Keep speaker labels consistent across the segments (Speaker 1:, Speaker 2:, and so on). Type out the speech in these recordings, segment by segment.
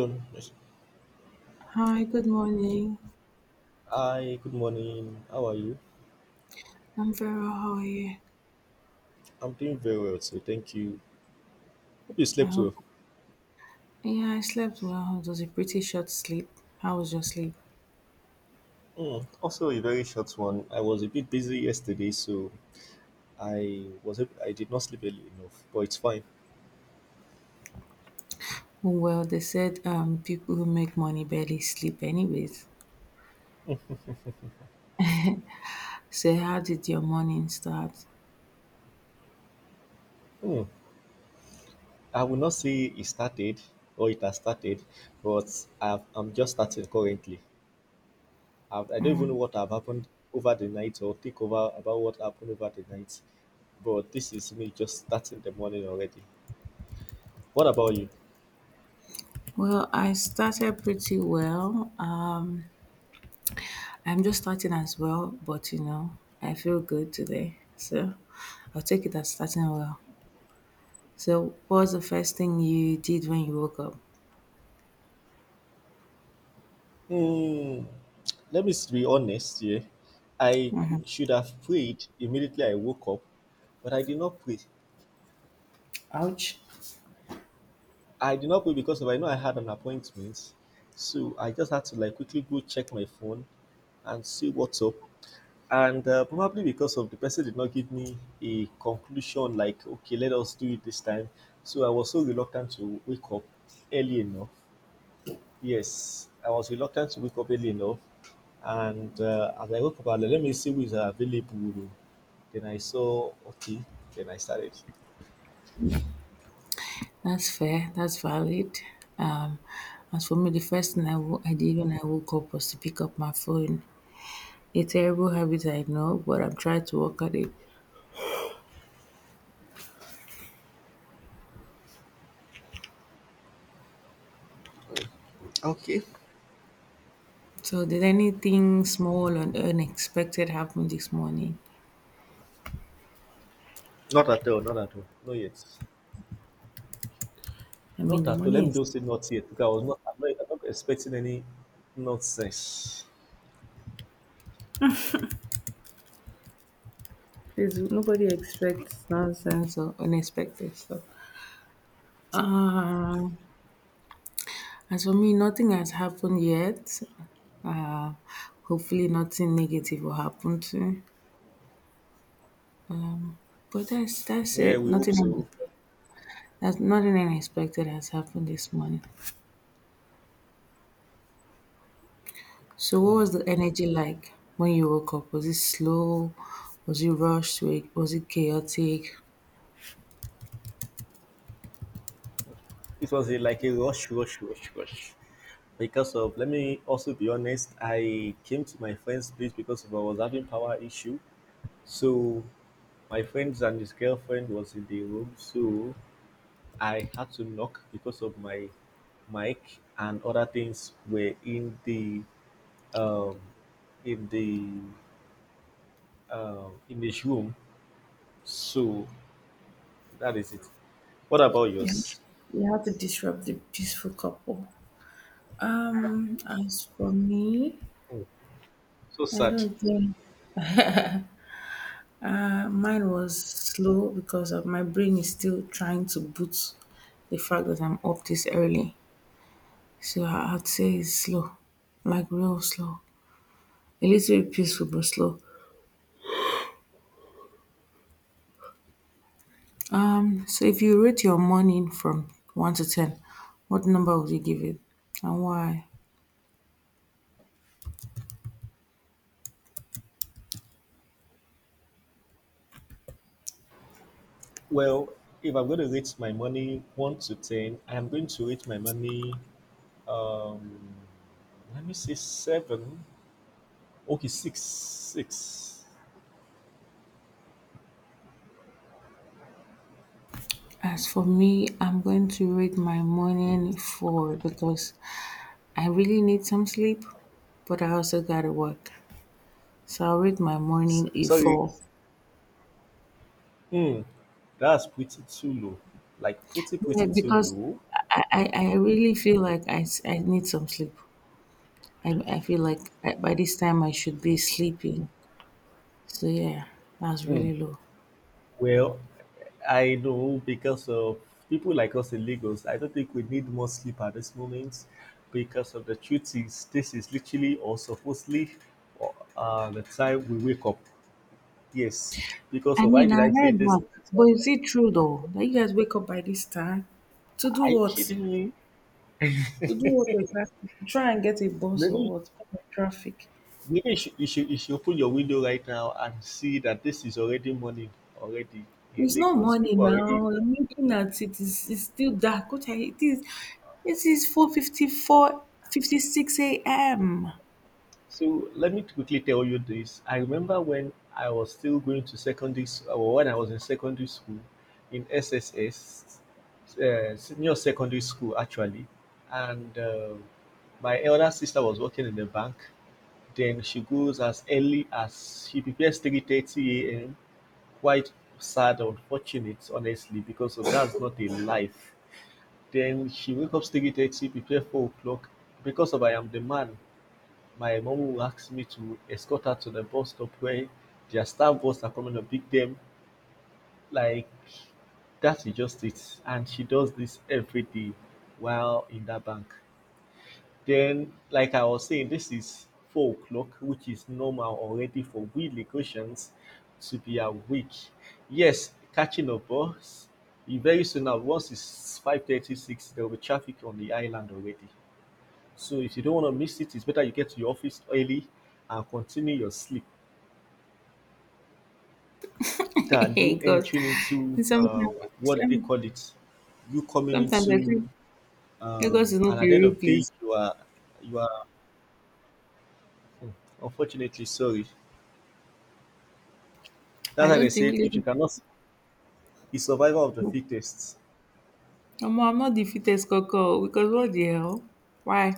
Speaker 1: Yes.
Speaker 2: Hi, good morning.
Speaker 1: Hi, good morning. How are you?
Speaker 2: I'm very well. How are you?
Speaker 1: I'm doing very well today, thank you. Hope you
Speaker 2: I
Speaker 1: slept
Speaker 2: hope.
Speaker 1: well.
Speaker 2: Yeah, I slept well. It was a pretty short sleep. How was your sleep?
Speaker 1: Hmm, also, a very short one. I was a bit busy yesterday, so I did not sleep early enough, but it's fine.
Speaker 2: Well, they said people who make money barely sleep anyways. So how did your morning start?
Speaker 1: Hmm, I will not say it started or it has started, but I'm just starting currently. I don't even know what have happened over the night or think over about what happened over the night, but this is me just starting the morning already. What about you?
Speaker 2: Well, I started pretty well. I'm just starting as well, but you know, I feel good today. So I'll take it as starting well. So what was the first thing you did when you woke up?
Speaker 1: Hmm, let me be honest here. I
Speaker 2: Mhm.
Speaker 1: should have prayed immediately I woke up, but I did not pray. I did not pray because of I know I had an appointment, so I just had to like quickly go check my phone and see what's up. And probably because of the person did not give me a conclusion like, okay, let us do it this time. So I was so reluctant to wake up early enough. Yes, I was reluctant to wake up early enough. And as I woke up, I was like, let me see who is available. Then I saw, okay, then I started.
Speaker 2: That's fair, that's valid. Um, as for me, the first thing I did when I woke up was to pick up my phone. A terrible habit, I know, but I'm trying to work at it.
Speaker 1: Okay.
Speaker 2: So, did anything small and unexpected happen this morning?
Speaker 1: Not at all. Not at all. Not yet.
Speaker 2: I mean,
Speaker 1: Not
Speaker 2: the
Speaker 1: at all. Let
Speaker 2: morning
Speaker 1: me just say not yet because I was not, I'm not, I'm not expecting any nonsense.
Speaker 2: nobody expects nonsense or unexpected stuff. Um, as for me, nothing has happened yet. Uh, Hopefully, nothing negative will happen to. But that's
Speaker 1: Yeah,
Speaker 2: it.
Speaker 1: we hope
Speaker 2: Nothing.
Speaker 1: so.
Speaker 2: That's nothing unexpected has happened this morning. So, what
Speaker 1: Mm.
Speaker 2: was the energy like when you woke up? Was it slow? Was it rushed? Was it chaotic?
Speaker 1: It was like a rush, rush, rush, rush. Because of, let me also be honest, I came to my friend's place because of I was having power issue. So my friends and his girlfriend was in the room, so I had to knock because of my mic and other things were um, in the in this room. So that is it. What about yours?
Speaker 2: You have to disrupt the peaceful couple. As for me,
Speaker 1: So
Speaker 2: I
Speaker 1: sad.
Speaker 2: don't think mine was slow because of my brain is still trying to boot the fact that I'm up this early. So I'd say it's slow, like real slow. A little bit peaceful but slow. So if you rate your morning from 1 to 10, what number would you give it and why?
Speaker 1: Well, if I'm going to rate my money 1 to 10, I am going to rate my money. Um, let me say seven. Okay, six, six.
Speaker 2: As for me, I'm going to rate my morning 4 because I really need some sleep, but I also gotta work. So I'll rate my morning a
Speaker 1: Sorry,
Speaker 2: 4.
Speaker 1: hmm, that's pretty too low. Like pretty,
Speaker 2: Yeah,
Speaker 1: pretty too
Speaker 2: because
Speaker 1: low.
Speaker 2: I really feel like I need some sleep. I feel like I, by this time I should be sleeping. So yeah, that's
Speaker 1: Hmm.
Speaker 2: really low.
Speaker 1: Well, I know because of people like us in Lagos, I don't think we need more sleep at this moment because of the truth is this is literally or supposedly the time we wake up. Yes. Because
Speaker 2: I
Speaker 1: of why
Speaker 2: mean,
Speaker 1: did
Speaker 2: I
Speaker 1: I say
Speaker 2: heard
Speaker 1: this?
Speaker 2: that, but is it true though that you guys wake up by this time? To do
Speaker 1: Are you
Speaker 2: what?
Speaker 1: kidding me?
Speaker 2: To do what exactly? To try and get a bus or
Speaker 1: Maybe
Speaker 2: what? Because of traffic.
Speaker 1: maybe you should open your window right now and see that this is already morning already in
Speaker 2: It's not
Speaker 1: Lagos.
Speaker 2: morning
Speaker 1: People are already.
Speaker 2: now. I'm looking at it. It's still dark. What are it is? It is 4:56 a.m.
Speaker 1: So let me quickly tell you this. I remember when I was still going to secondary school, or when I was in secondary school in SSS, senior secondary school actually, and my elder sister was working in the bank. Then she goes as early as she prepares 3:30 a.m. Quite sad, unfortunate, honestly, because of that's not a life. Then she wakes up 3:30, prepare 4 o'clock. Because of I am the man, my mom will ask me to escort her to the bus stop where their staff bus are coming to pick them. Like, that is just it. And she does this every day while in that bank. Then, like I was saying, this is 4 o'clock, which is normal already for we Lagosians to be awake. Yes, catching a bus. Very soon now, once it's 5:36, there will be traffic on the island already. So if you don't want to miss it, it's better you get to your office early and continue your sleep than
Speaker 2: Hey,
Speaker 1: you
Speaker 2: God.
Speaker 1: entering into
Speaker 2: And
Speaker 1: what do they call it? You coming
Speaker 2: Sometimes I
Speaker 1: into
Speaker 2: think Lagos is not a
Speaker 1: and at the end
Speaker 2: real
Speaker 1: of the day
Speaker 2: place.
Speaker 1: you are you are hmm, unfortunately sorry. That's
Speaker 2: I
Speaker 1: why they
Speaker 2: don't
Speaker 1: say
Speaker 2: think.
Speaker 1: if you cannot, it's survival of the
Speaker 2: Omo,
Speaker 1: fittest.
Speaker 2: I'm not the fittest coco because what the hell? Why?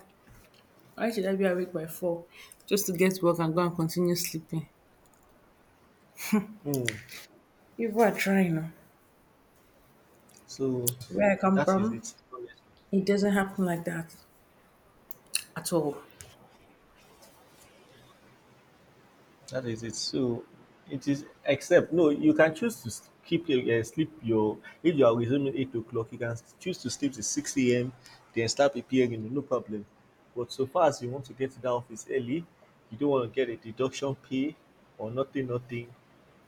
Speaker 2: Why should I be awake by four just to get work and go and continue sleeping?
Speaker 1: Hmm.
Speaker 2: People are trying. Oh.
Speaker 1: So
Speaker 2: Where I come
Speaker 1: that is
Speaker 2: from,
Speaker 1: it.
Speaker 2: it doesn't happen like that at all.
Speaker 1: That is it. So it is, except no, you can choose to keep your sleep your, if you are resuming 8 o'clock, you can choose to sleep to six a.m. Then start appearing no problem. But so far as you want to get to the office early, you don't want to get a deduction pay or nothing, nothing.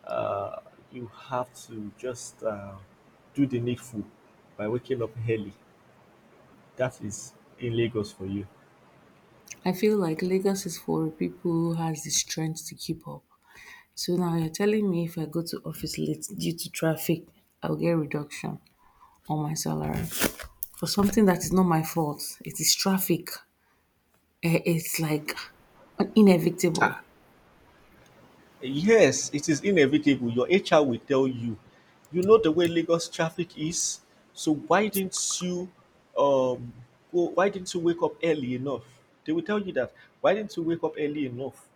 Speaker 1: Uh, you have to just do the needful by waking up early. That is in Lagos for you.
Speaker 2: I feel like Lagos is for people who has the strength to keep up. So now you're telling me if I go to office late due to traffic, I'll get reduction on my salary for something that is not my fault. It is traffic. Eh, it's like inevitable.
Speaker 1: Yes, it is inevitable. Your HR will tell you, you know the way Lagos traffic is, so why didn't um you wake up early enough? They will tell you that. Why didn't you wake up early enough?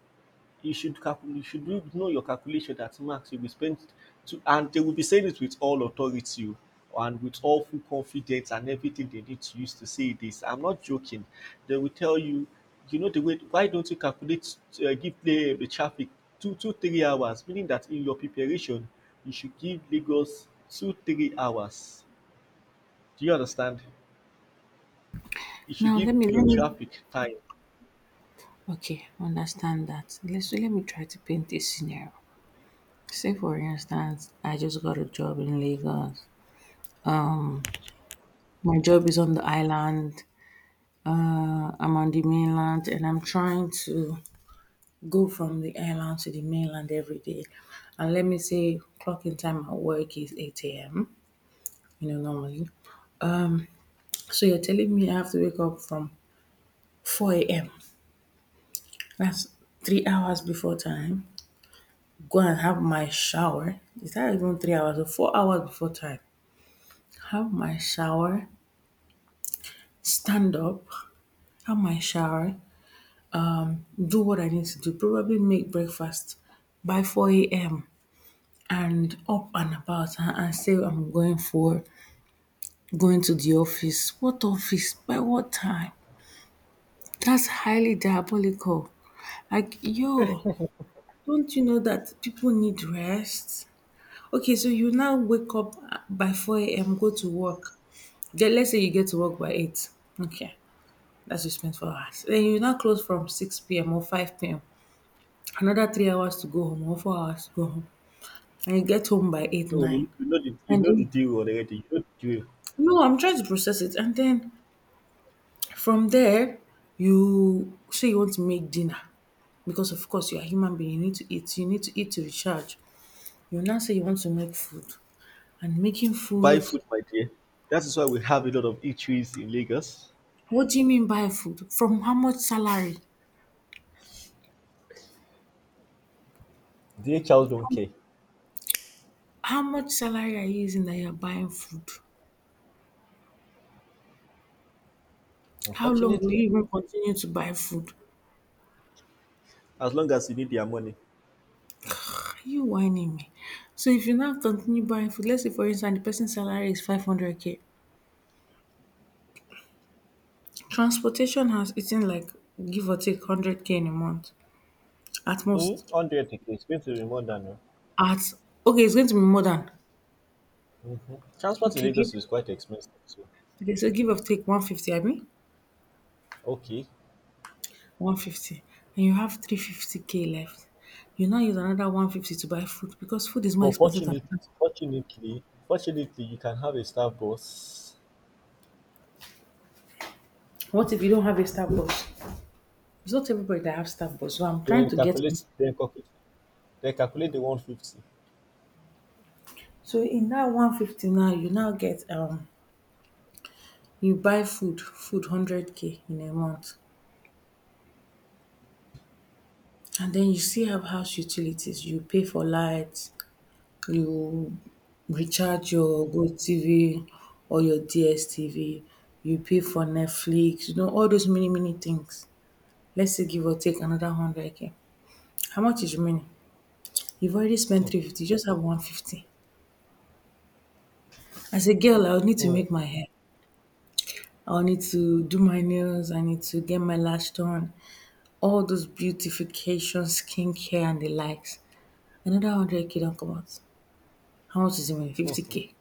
Speaker 1: You should calculate, you should know your calculation that max you will spend to, and they will be saying it with all authority and with all full confidence and everything they need to use to say this. I'm not joking. They will tell you, you know the way, why don't you calculate, give play the traffic 2, 2, 3 hours meaning that in your preparation you should give Lagos 2, 3 hours Do you understand? You should
Speaker 2: Now
Speaker 1: give
Speaker 2: let me
Speaker 1: your
Speaker 2: let me
Speaker 1: traffic time.
Speaker 2: okay understand that. Let me try to paint a scenario. Say, for instance, I just got a job in Lagos. My job is on the island. I'm on the mainland and I'm trying to go from the island to the mainland every day. And let me say, clocking time at work is 8 a.m., you know, normally. So you're telling me I have to wake up from 4 a.m. That's 3 hours before time. Go and have my shower. Is that even 3 hours or 4 hours before time? Have my shower, stand up, have my shower, do what I need to do, probably make breakfast by 4 a.m. and up and about and say I'm going for going to the office. What office? By what time? That's highly diabolical. Like, yo, don't you know that people need rest? Okay, so you now wake up by 4 a.m., go to work. Then let's say you get to work by 8. Okay, that's you spend 4 hours. Then you now close from 6 p.m. or 5 p.m. Another 3 hours to go home or 4 hours to go home. And you get home by 8,
Speaker 1: So
Speaker 2: 9.
Speaker 1: you
Speaker 2: And
Speaker 1: know the
Speaker 2: then,
Speaker 1: deal already, you know the drill.
Speaker 2: no, I'm trying to process it. And then from there, you say you want to make dinner. Because, of course, you're a human being, you need to eat. You need to eat to recharge. You now say you want to make food. And making
Speaker 1: Buy
Speaker 2: food,
Speaker 1: food, my dear. That is why we have a lot of eateries in Lagos.
Speaker 2: what do you mean by food? From how much salary?
Speaker 1: The HLs don't care,
Speaker 2: How much salary are you using that you're buying food? How long will you
Speaker 1: unfortunately,
Speaker 2: even continue to buy food?
Speaker 1: as long as you need their money.
Speaker 2: Are you whining me? So if you now continue buying food, let's say for instance the person's salary is 500k. Transportation has eaten like give or take 100k in a month at most.
Speaker 1: 100. A It's going to be more than.
Speaker 2: At okay, it's going to be more than
Speaker 1: Mhm. Transport in
Speaker 2: okay, give
Speaker 1: Lagos is quite expensive, too.
Speaker 2: okay, so give or take 150, I mean
Speaker 1: Okay.
Speaker 2: 150, and you have 350k left. You now use another 150 to buy food because food is more
Speaker 1: But
Speaker 2: expensive than transport.
Speaker 1: fortunately, you can have a staff bus.
Speaker 2: What if you don't have a staff bus? It's not everybody that have staff bus, so I'm trying
Speaker 1: Then
Speaker 2: to get
Speaker 1: calculate, then calculate, then calculate the 150.
Speaker 2: so in that 150 now you now get you buy food, food 100k in a month. And then you still have house utilities. You pay for light, you recharge your GoTV or your DSTV, you pay for Netflix, you know, all those many, many things. Let's say give or take another 100k. How much is remaining? You've already spent
Speaker 1: Hmm.
Speaker 2: 350, you just have 150. As a girl, I would need to
Speaker 1: Hmm.
Speaker 2: make my hair. I will need to do my nails. I need to get my lash done. All those beautification, skincare, and the likes. Another 100k don't come out. How much is it? 50k.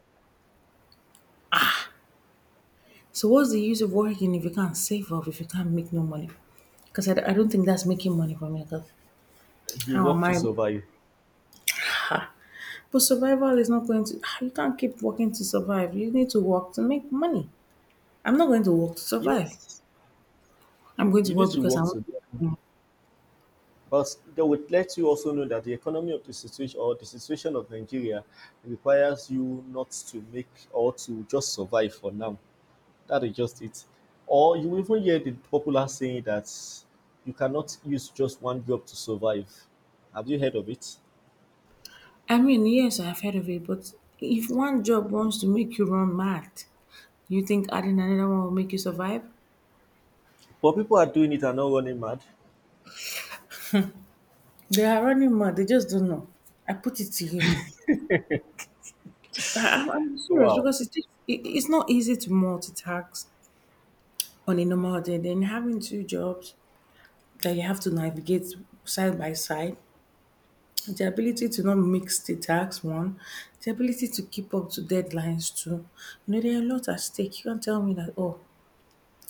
Speaker 2: So what's the use of working if you can't save up, if you can't make no money? Because I don't think that's making money for me. 'Cause
Speaker 1: You
Speaker 2: how am
Speaker 1: work to
Speaker 2: I?
Speaker 1: survive.
Speaker 2: But survival is not going to, ah, you can't keep working to survive. You need to work to make money. I'm not going to work to survive.
Speaker 1: Yes.
Speaker 2: I'm going to
Speaker 1: You need
Speaker 2: work
Speaker 1: to
Speaker 2: because I
Speaker 1: work
Speaker 2: want
Speaker 1: to.
Speaker 2: to make money.
Speaker 1: But they would let you also know that the economy of the situation or the situation of Nigeria requires you not to make or to just survive for now. That is just it. Or you even hear the popular saying that you cannot use just one job to survive. Have you heard of it?
Speaker 2: I mean, yes, I've heard of it, but if one job wants to make you run mad, you think adding another one will make you survive?
Speaker 1: But people are doing it and not running mad.
Speaker 2: They are running mad. They just don't know. I put it to you. I'm serious
Speaker 1: Wow.
Speaker 2: because it's not easy to multitask on a normal day, then having two jobs that you have to navigate side by side, the ability to not mix the tasks, one, the ability to keep up to deadlines, two. You know, there are a lot at stake. You can't tell me that, oh,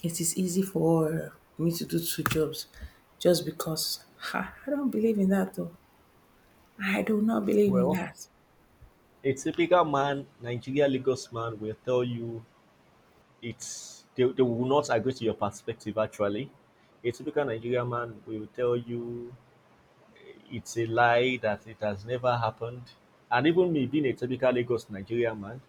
Speaker 2: it is easy for me to do two jobs just because. Ha, I don't believe in that, though. I do not believe in
Speaker 1: Well,
Speaker 2: that.
Speaker 1: a typical man, Nigeria Lagos man, will tell you they will not agree to your perspective. Actually, a typical Nigerian man will tell you, it's a lie that it has never happened. And even me being a typical Lagos Nigerian man,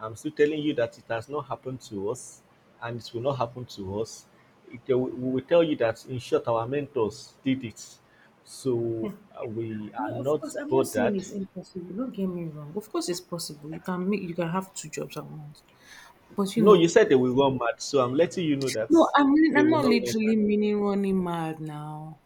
Speaker 1: I'm still telling you that it has not happened to us, and it will not happen to us. We will tell you that, in short, our mentors did it. So we are
Speaker 2: No, of
Speaker 1: not
Speaker 2: course, I'm not saying
Speaker 1: bothered.
Speaker 2: it's impossible. Don't get me wrong. Of course, it's possible. You can have two jobs at once. But you
Speaker 1: No, you
Speaker 2: know,
Speaker 1: said they will run mad, so I'm letting you know that
Speaker 2: no, I mean,
Speaker 1: they
Speaker 2: I'm
Speaker 1: will
Speaker 2: not
Speaker 1: not run
Speaker 2: literally
Speaker 1: mad.
Speaker 2: meaning running mad now.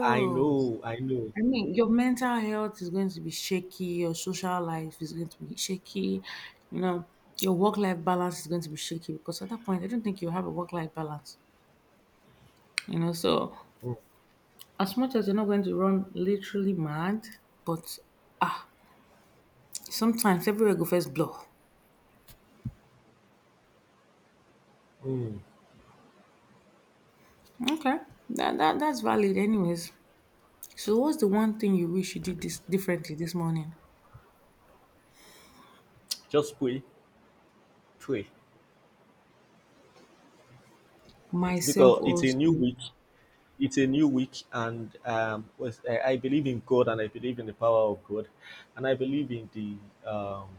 Speaker 1: i know i know
Speaker 2: I mean, your mental health is going to be shaky, your social life is going to be shaky, you know, your work life balance is going to be shaky because at that point, I don't think you have a work life balance, you know. So,
Speaker 1: Mm.
Speaker 2: as much as you're not going to run literally mad, but ah, sometimes everywhere go first blow.
Speaker 1: Mm,
Speaker 2: Okay, that's valid, anyways. So, what's the one thing you wish you did this differently this morning?
Speaker 1: just pray, pray,
Speaker 2: Myself
Speaker 1: because it's a
Speaker 2: also.
Speaker 1: new week. It's a new week, and I believe in God, and I believe in the power of God, and I believe um,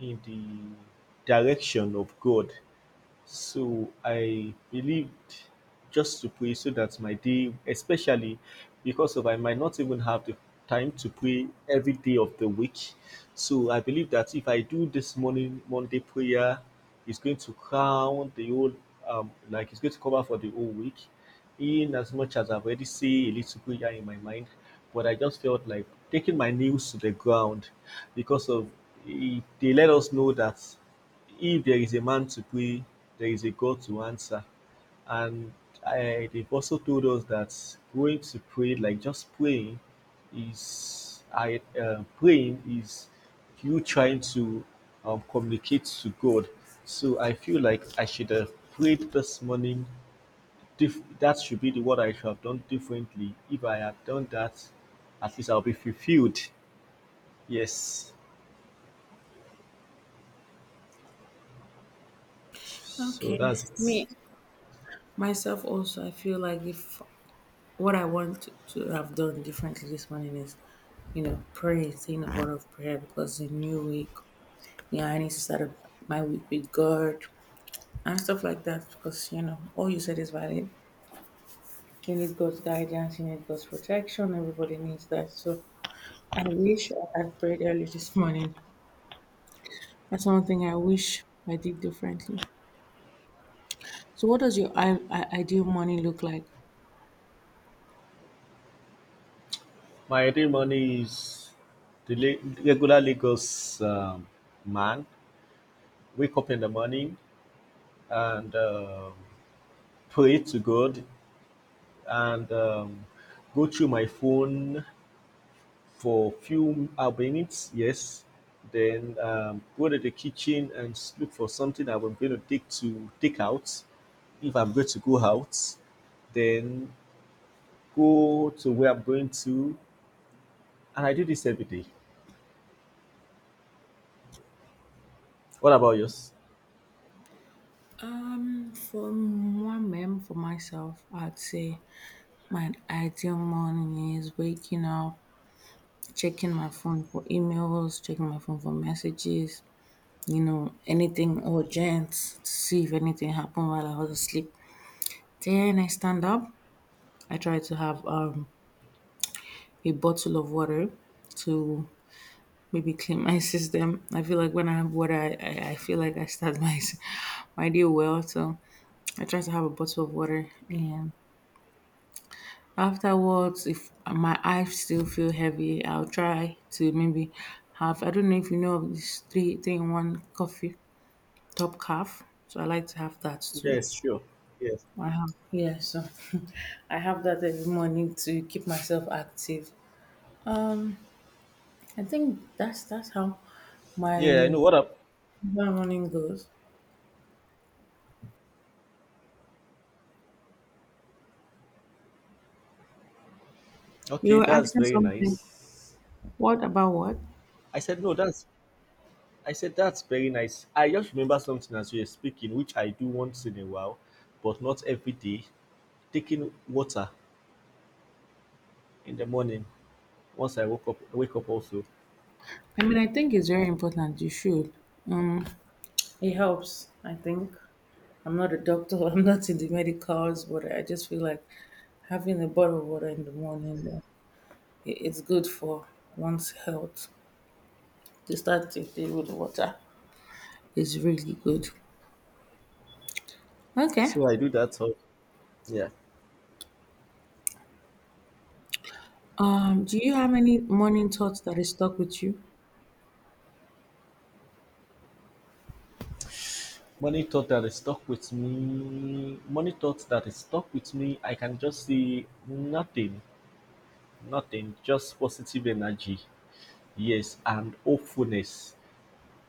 Speaker 1: in the direction of God. So I believed just to pray so that my day, especially because of I might not even have the time to pray every day of the week. So I believe that if I do this morning Monday prayer, it's going to crown the whole, like it's going to cover for the whole week. In as much as I've already say a little prayer in my mind, but I just felt like taking my nails to the ground because of it, they let us know that if there is a man to pray, there is a God to answer. And they've also told us that going to pray, like just praying, is I praying is you trying to communicate to God. So I feel like I should have prayed this morning. That should be the what I should have done differently. If I had done that, at least I'll be fulfilled. Yes. So
Speaker 2: Okay.
Speaker 1: that's
Speaker 2: Me,
Speaker 1: it.
Speaker 2: myself also, I feel like if what I want to have done differently this morning is, you know, pray, saying a word of prayer because it's a new week. Yeah, I need to start up my week with God and stuff like that because, you know, all you said is valid. You need God's guidance, you need God's protection, everybody needs that. So I wish I had prayed early this morning. That's one thing I wish I did differently. So, what does your ideal morning look like?
Speaker 1: My early morning is regularly goes, man, wake up in the morning and pray to God and go through my phone for few minutes, yes. Then go to the kitchen and look for something I'm going to take out if I'm going to go out. Then go to where I'm going to, and I do this every day. What about yours?
Speaker 2: For moi-même, for myself, I'd say my ideal morning is waking up, checking my phone for emails, checking my phone for messages, you know, anything urgent to see if anything happened while I was asleep. Then I stand up. I try to have a bottle of water to maybe clean my system. I feel like when I have water, I feel like I start my my day well. So I try to have a bottle of water and afterwards, if my eyes still feel heavy, I'll try to maybe have I don't know if you know of this three three in one coffee top calf. So I like to have that too.
Speaker 1: Yes, sure. Yes.
Speaker 2: I have yeah, so I have that every morning to keep myself active. Um I think that's how my
Speaker 1: Yeah, I know. What up?
Speaker 2: my morning goes. You
Speaker 1: Okay,
Speaker 2: were
Speaker 1: that's
Speaker 2: asking
Speaker 1: very
Speaker 2: something.
Speaker 1: nice.
Speaker 2: What about what?
Speaker 1: I said no. That's I said that's very nice. I just remember something as you were speaking, which I do once in a while, but not every day. Taking water in the morning once I woke up. Wake up also,
Speaker 2: I mean I think it's very important. You should. Um it helps, I think. I'm not a doctor, I'm not in the medicals, but I just feel like having a bottle of water in the morning, it's good for one's health. To start the day with water is really good. Okay.
Speaker 1: so I do that. So yeah,
Speaker 2: Do you have any morning thoughts that is stuck with you?
Speaker 1: money thought that is stuck with me. Money thought that is stuck with me. I can just see nothing, nothing, just positive energy. Yes, and hopefulness.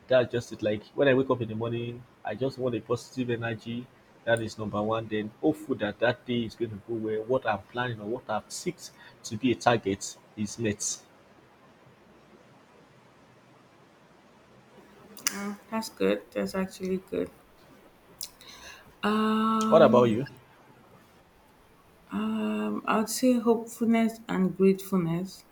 Speaker 1: That's just it. Like when I wake up in the morning, I just want a positive energy. That is number one. Then hopeful that that day is going to go well. What I'm planning or what I've set to be a target is met.
Speaker 2: Mm, that's good. That's actually good.
Speaker 1: What about
Speaker 2: Um,
Speaker 1: you?
Speaker 2: I would say hopefulness and gratefulness.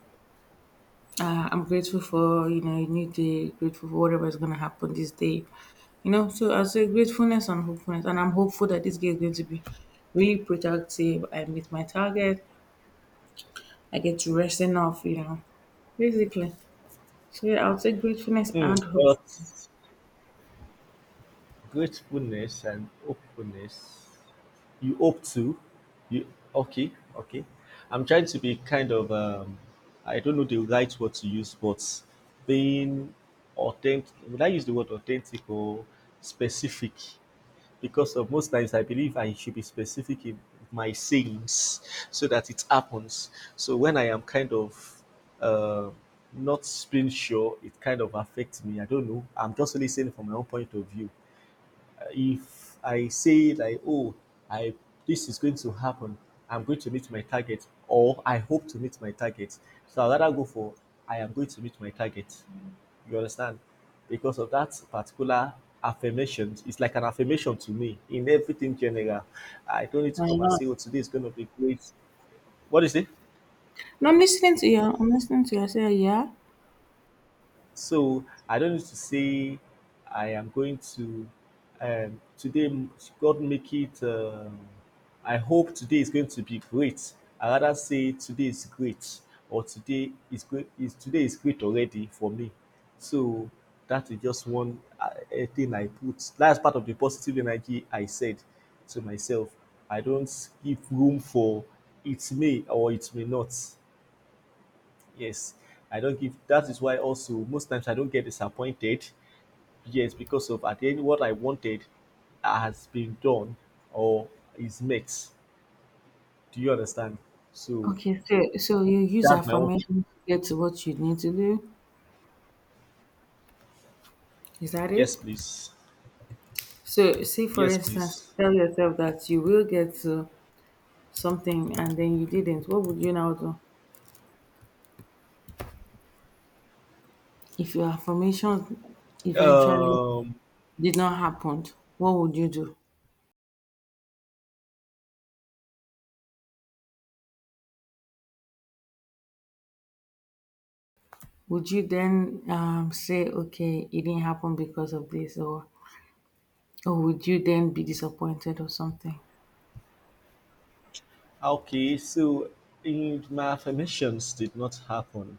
Speaker 2: I'm grateful for you know a new day, grateful for whatever is gonna happen this day, you know. So I say gratefulness and hopefulness, and I'm hopeful that this day is going to be really productive. I meet my target. I get to rest enough, you know, basically. So yeah, I'll say gratefulness
Speaker 1: Hmm.
Speaker 2: and hope.
Speaker 1: But gratefulness and hopefulness. You hope to. You okay? Okay. I'm trying to be kind of. I don't know the right word to use, but being authentic. Would I use the word authentic or specific? Because of most times I believe I should be specific in my sayings so that it happens. So when I am kind of uh, not being sure, it kind of affects me. I don't know. I'm just only saying from my own point of view if I say like, oh, I this is going to happen, I'm going to meet my target, or I hope to meet my target. So I'd rather go for I am going to meet my target. You understand? Because of that particular affirmation, it's like an affirmation to me in everything general. I don't need to
Speaker 2: Why
Speaker 1: come and
Speaker 2: not?
Speaker 1: say, oh, today is going to be great. What is it?
Speaker 2: No, I'm listening to you. I'm listening to you. I say yeah.
Speaker 1: So I don't need to say I am going to today. God make it. I hope today is going to be great. I rather say today is great or today is great. Is today is great already for me. So that is just one thing I put. That's part of the positive energy I said to myself. I don't give room for it may or it may not. Yes, I don't give. That is why also most times I don't get disappointed. Yes, because of at the end what I wanted has been done or is met. Do you understand? So
Speaker 2: Okay, so you use
Speaker 1: that's my own.
Speaker 2: affirmation to get to what you need to do. Is that
Speaker 1: Yes,
Speaker 2: it?
Speaker 1: please.
Speaker 2: So, say for
Speaker 1: Yes,
Speaker 2: instance,
Speaker 1: please.
Speaker 2: tell yourself that you will get to something and then you didn't, what would you now do? If your affirmation eventually
Speaker 1: Um.
Speaker 2: did not happen, what would you do? Would you then say, okay, it didn't happen because of this, or would you then be disappointed or something?
Speaker 1: Okay. So in my affirmations did not happen.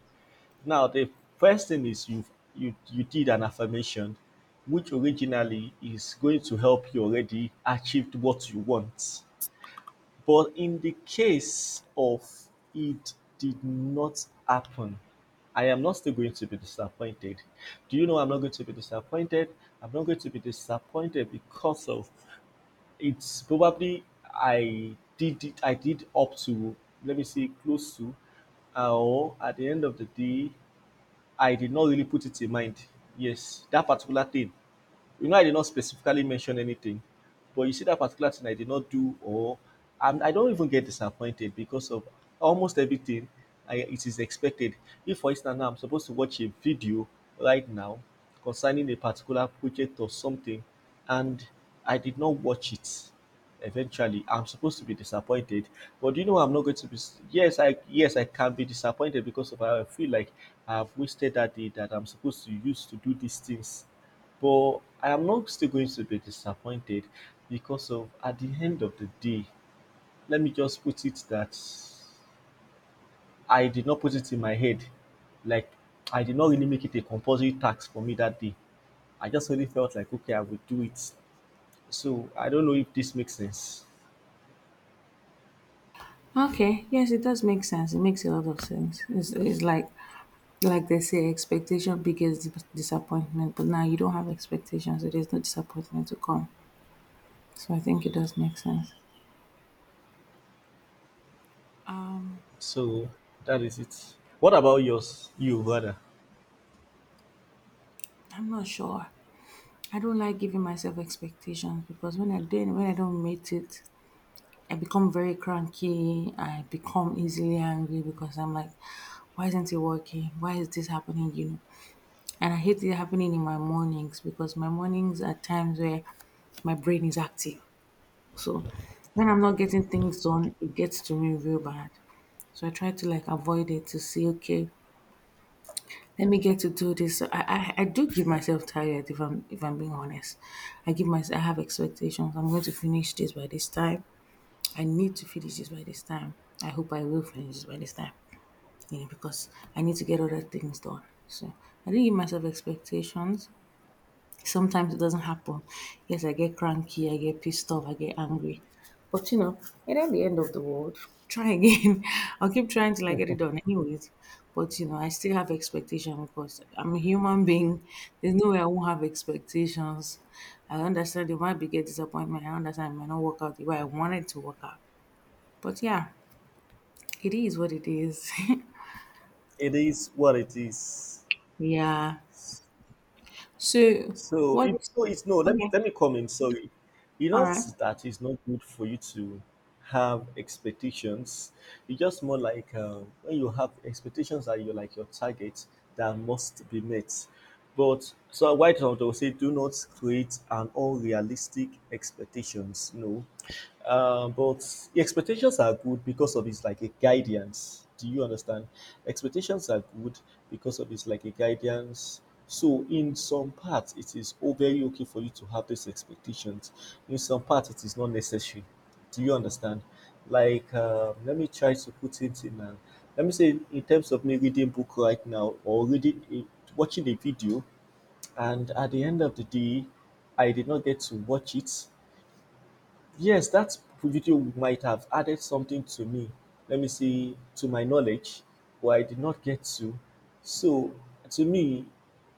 Speaker 1: Now the first thing is you did an affirmation, which originally is going to help you already achieved what you want. But in the case of it did not happen, I am not still going to be disappointed. Do you know I'm not going to be disappointed? I'm not going to be disappointed because of it's probably I did up to let me see close to or at the end of the day I did not really put it in mind. Yes, that particular thing I did not specifically mention anything, but you see that particular thing I did not do, or and I don't even get disappointed because of almost everything it is expected. If, for instance, now I'm supposed to watch a video right now concerning a particular project or something, and I did not watch it, eventually I'm supposed to be disappointed, but do you know I'm not going to be? Yes, I can be disappointed because of how I feel like I've wasted that day that I'm supposed to use to do these things, but I am not still going to be disappointed because of at the end of the day, let me just put it that I did not put it in my head. Like I did not really make it a compulsory task for me that day. I just really felt like okay, I would do it. So I don't know if this makes sense.
Speaker 2: Okay, yes, it does make sense. It makes a lot of sense. It's like they say, expectation begets disappointment. But now you don't have expectations, so there's no disappointment to come. So I think it does make sense.
Speaker 1: So that is it. What about yours? You rather?
Speaker 2: I'm not sure. I don't like giving myself expectations because when I then when I don't meet it, I become very cranky. I become easily angry because I'm like, why isn't it working? Why is this happening? You know, and I hate it happening in my mornings because my mornings are times where my brain is active. So when I'm not getting things done, it gets to me real bad. So I try to like avoid it to see, okay, let me get to do this. So I do give myself tired if I'm being honest. I give myself I have expectations. I'm going to finish this by this time. I need to finish this by this time. I hope I will finish this by this time. You know, because I need to get other things done. So I didn't give myself expectations. Sometimes it doesn't happen. Yes, I get cranky, I get pissed off, I get angry. But you know, it ain't the end of the world. Try again. I'll keep trying till I get it done anyways. But you know, I still have expectation because I'm a human being. There's no way I won't have expectations. I understand it might be get disappointment. I understand it might not work out the way I wanted to work out. But yeah, it is what it is.
Speaker 1: It is what it is.
Speaker 2: yeah. So
Speaker 1: So
Speaker 2: what
Speaker 1: it, no, it's no. Let me
Speaker 2: okay.
Speaker 1: comment. Sorry, it's
Speaker 2: All
Speaker 1: not
Speaker 2: right.
Speaker 1: that it's not good for you to have expectations. It's just more like when you have expectations that you like your target that must be met. But so why don't I say do not create an unrealistic expectations? No, but expectations are good because of it's like a guidance. Do you understand? Expectations are good because of it's like a guidance. So in some parts, it is oh, very okay for you to have these expectations. In some parts, it is not necessary. Do you understand? Like, let me try to put it in. Let me say in terms of me reading book right now or watching a video, and at the end of the day, I did not get to watch it. Yes, that video might have added something to me, let me say, to my knowledge, but I did not get to. So, to me,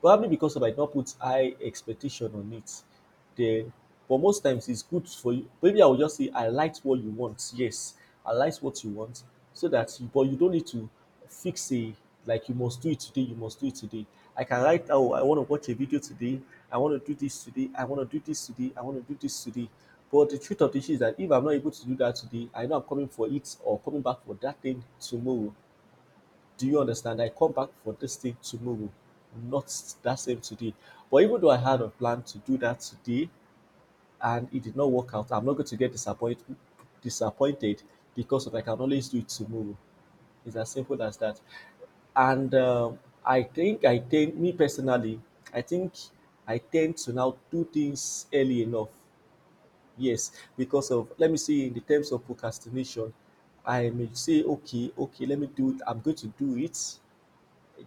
Speaker 1: probably because of I did not put high expectation on it, then, but most times it's good for you. Maybe I will just say, I liked what you want. Yes, I liked what you want. So that, you, but you don't need to fix a like you must do it today, you must do it today. I can write, oh, I want to watch a video today, I want to do this today, I want to do this today, I want to do this today. But the truth of the issue is that if I'm not able to do that today, I know I'm coming for it or coming back for that thing tomorrow. Do you understand? I come back for this thing tomorrow, not that same today. But even though I had a plan to do that today and it did not work out, I'm not going to get disappointed because of I can always do it tomorrow. It's as simple as that. And I think I tend, me personally, I think I tend to now do things early enough. Yes, because of, let me see, in the terms of procrastination, I may say, okay, okay, let me do it. I'm going to do it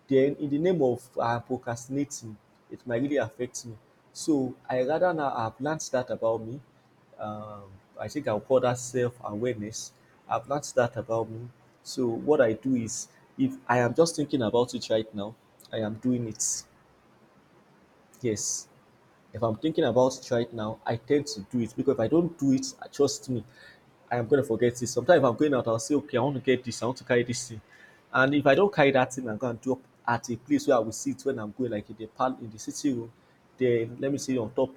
Speaker 1: then in the name of procrastinating, it might really affect me. So I rather now I've learned that about me. Um, I think I'll call that self awareness. I've learned that about me. So what I do is, if I am just thinking about it right now, I am doing it. Yes. If I'm thinking about it right now, I tend to do it because if I don't do it, trust me, I am gonna forget it. Sometimes if I'm going out, I'll say, okay, I want to get this, I want to carry this thing. And if I don't carry that thing, I'm gonna drop at a place where I will see it when I'm going, like in the pal in the sitting room, then let me say on top,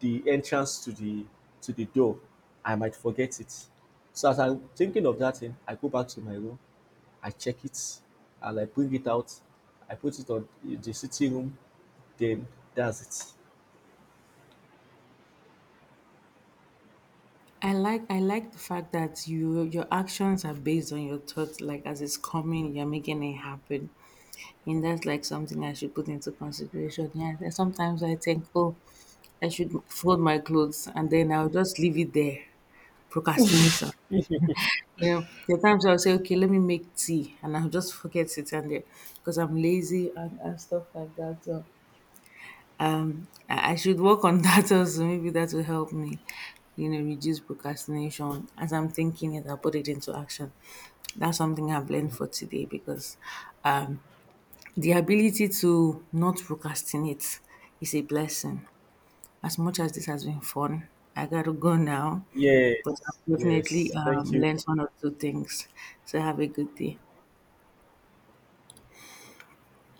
Speaker 1: the entrance to the door, I might forget it. So as I'm thinking of that thing, I go back to my room, I check it, and I bring it out, I put it on the sitting room, then that's it.
Speaker 2: I like the fact that you your actions are based on your thoughts. Like as it's coming, you're making it happen, and that's like something I should put into consideration. Yeah, and sometimes I think, oh, I should fold my clothes, and then I'll just leave it there. Procrastination. You know, there are times I'll say, okay, let me make tea, and I'll just forget it, and there because I'm lazy and stuff like that. So I should work on that also. Maybe that will help me, you know, reduce procrastination. As I'm thinking it, I'll put it into action. That's something I've learned for today because um, the ability to not procrastinate is a blessing. As much as this has been fun, I gotta go now, but
Speaker 1: Yes,
Speaker 2: I've definitely
Speaker 1: yes. Thank you
Speaker 2: learned one or two things. So have a good day.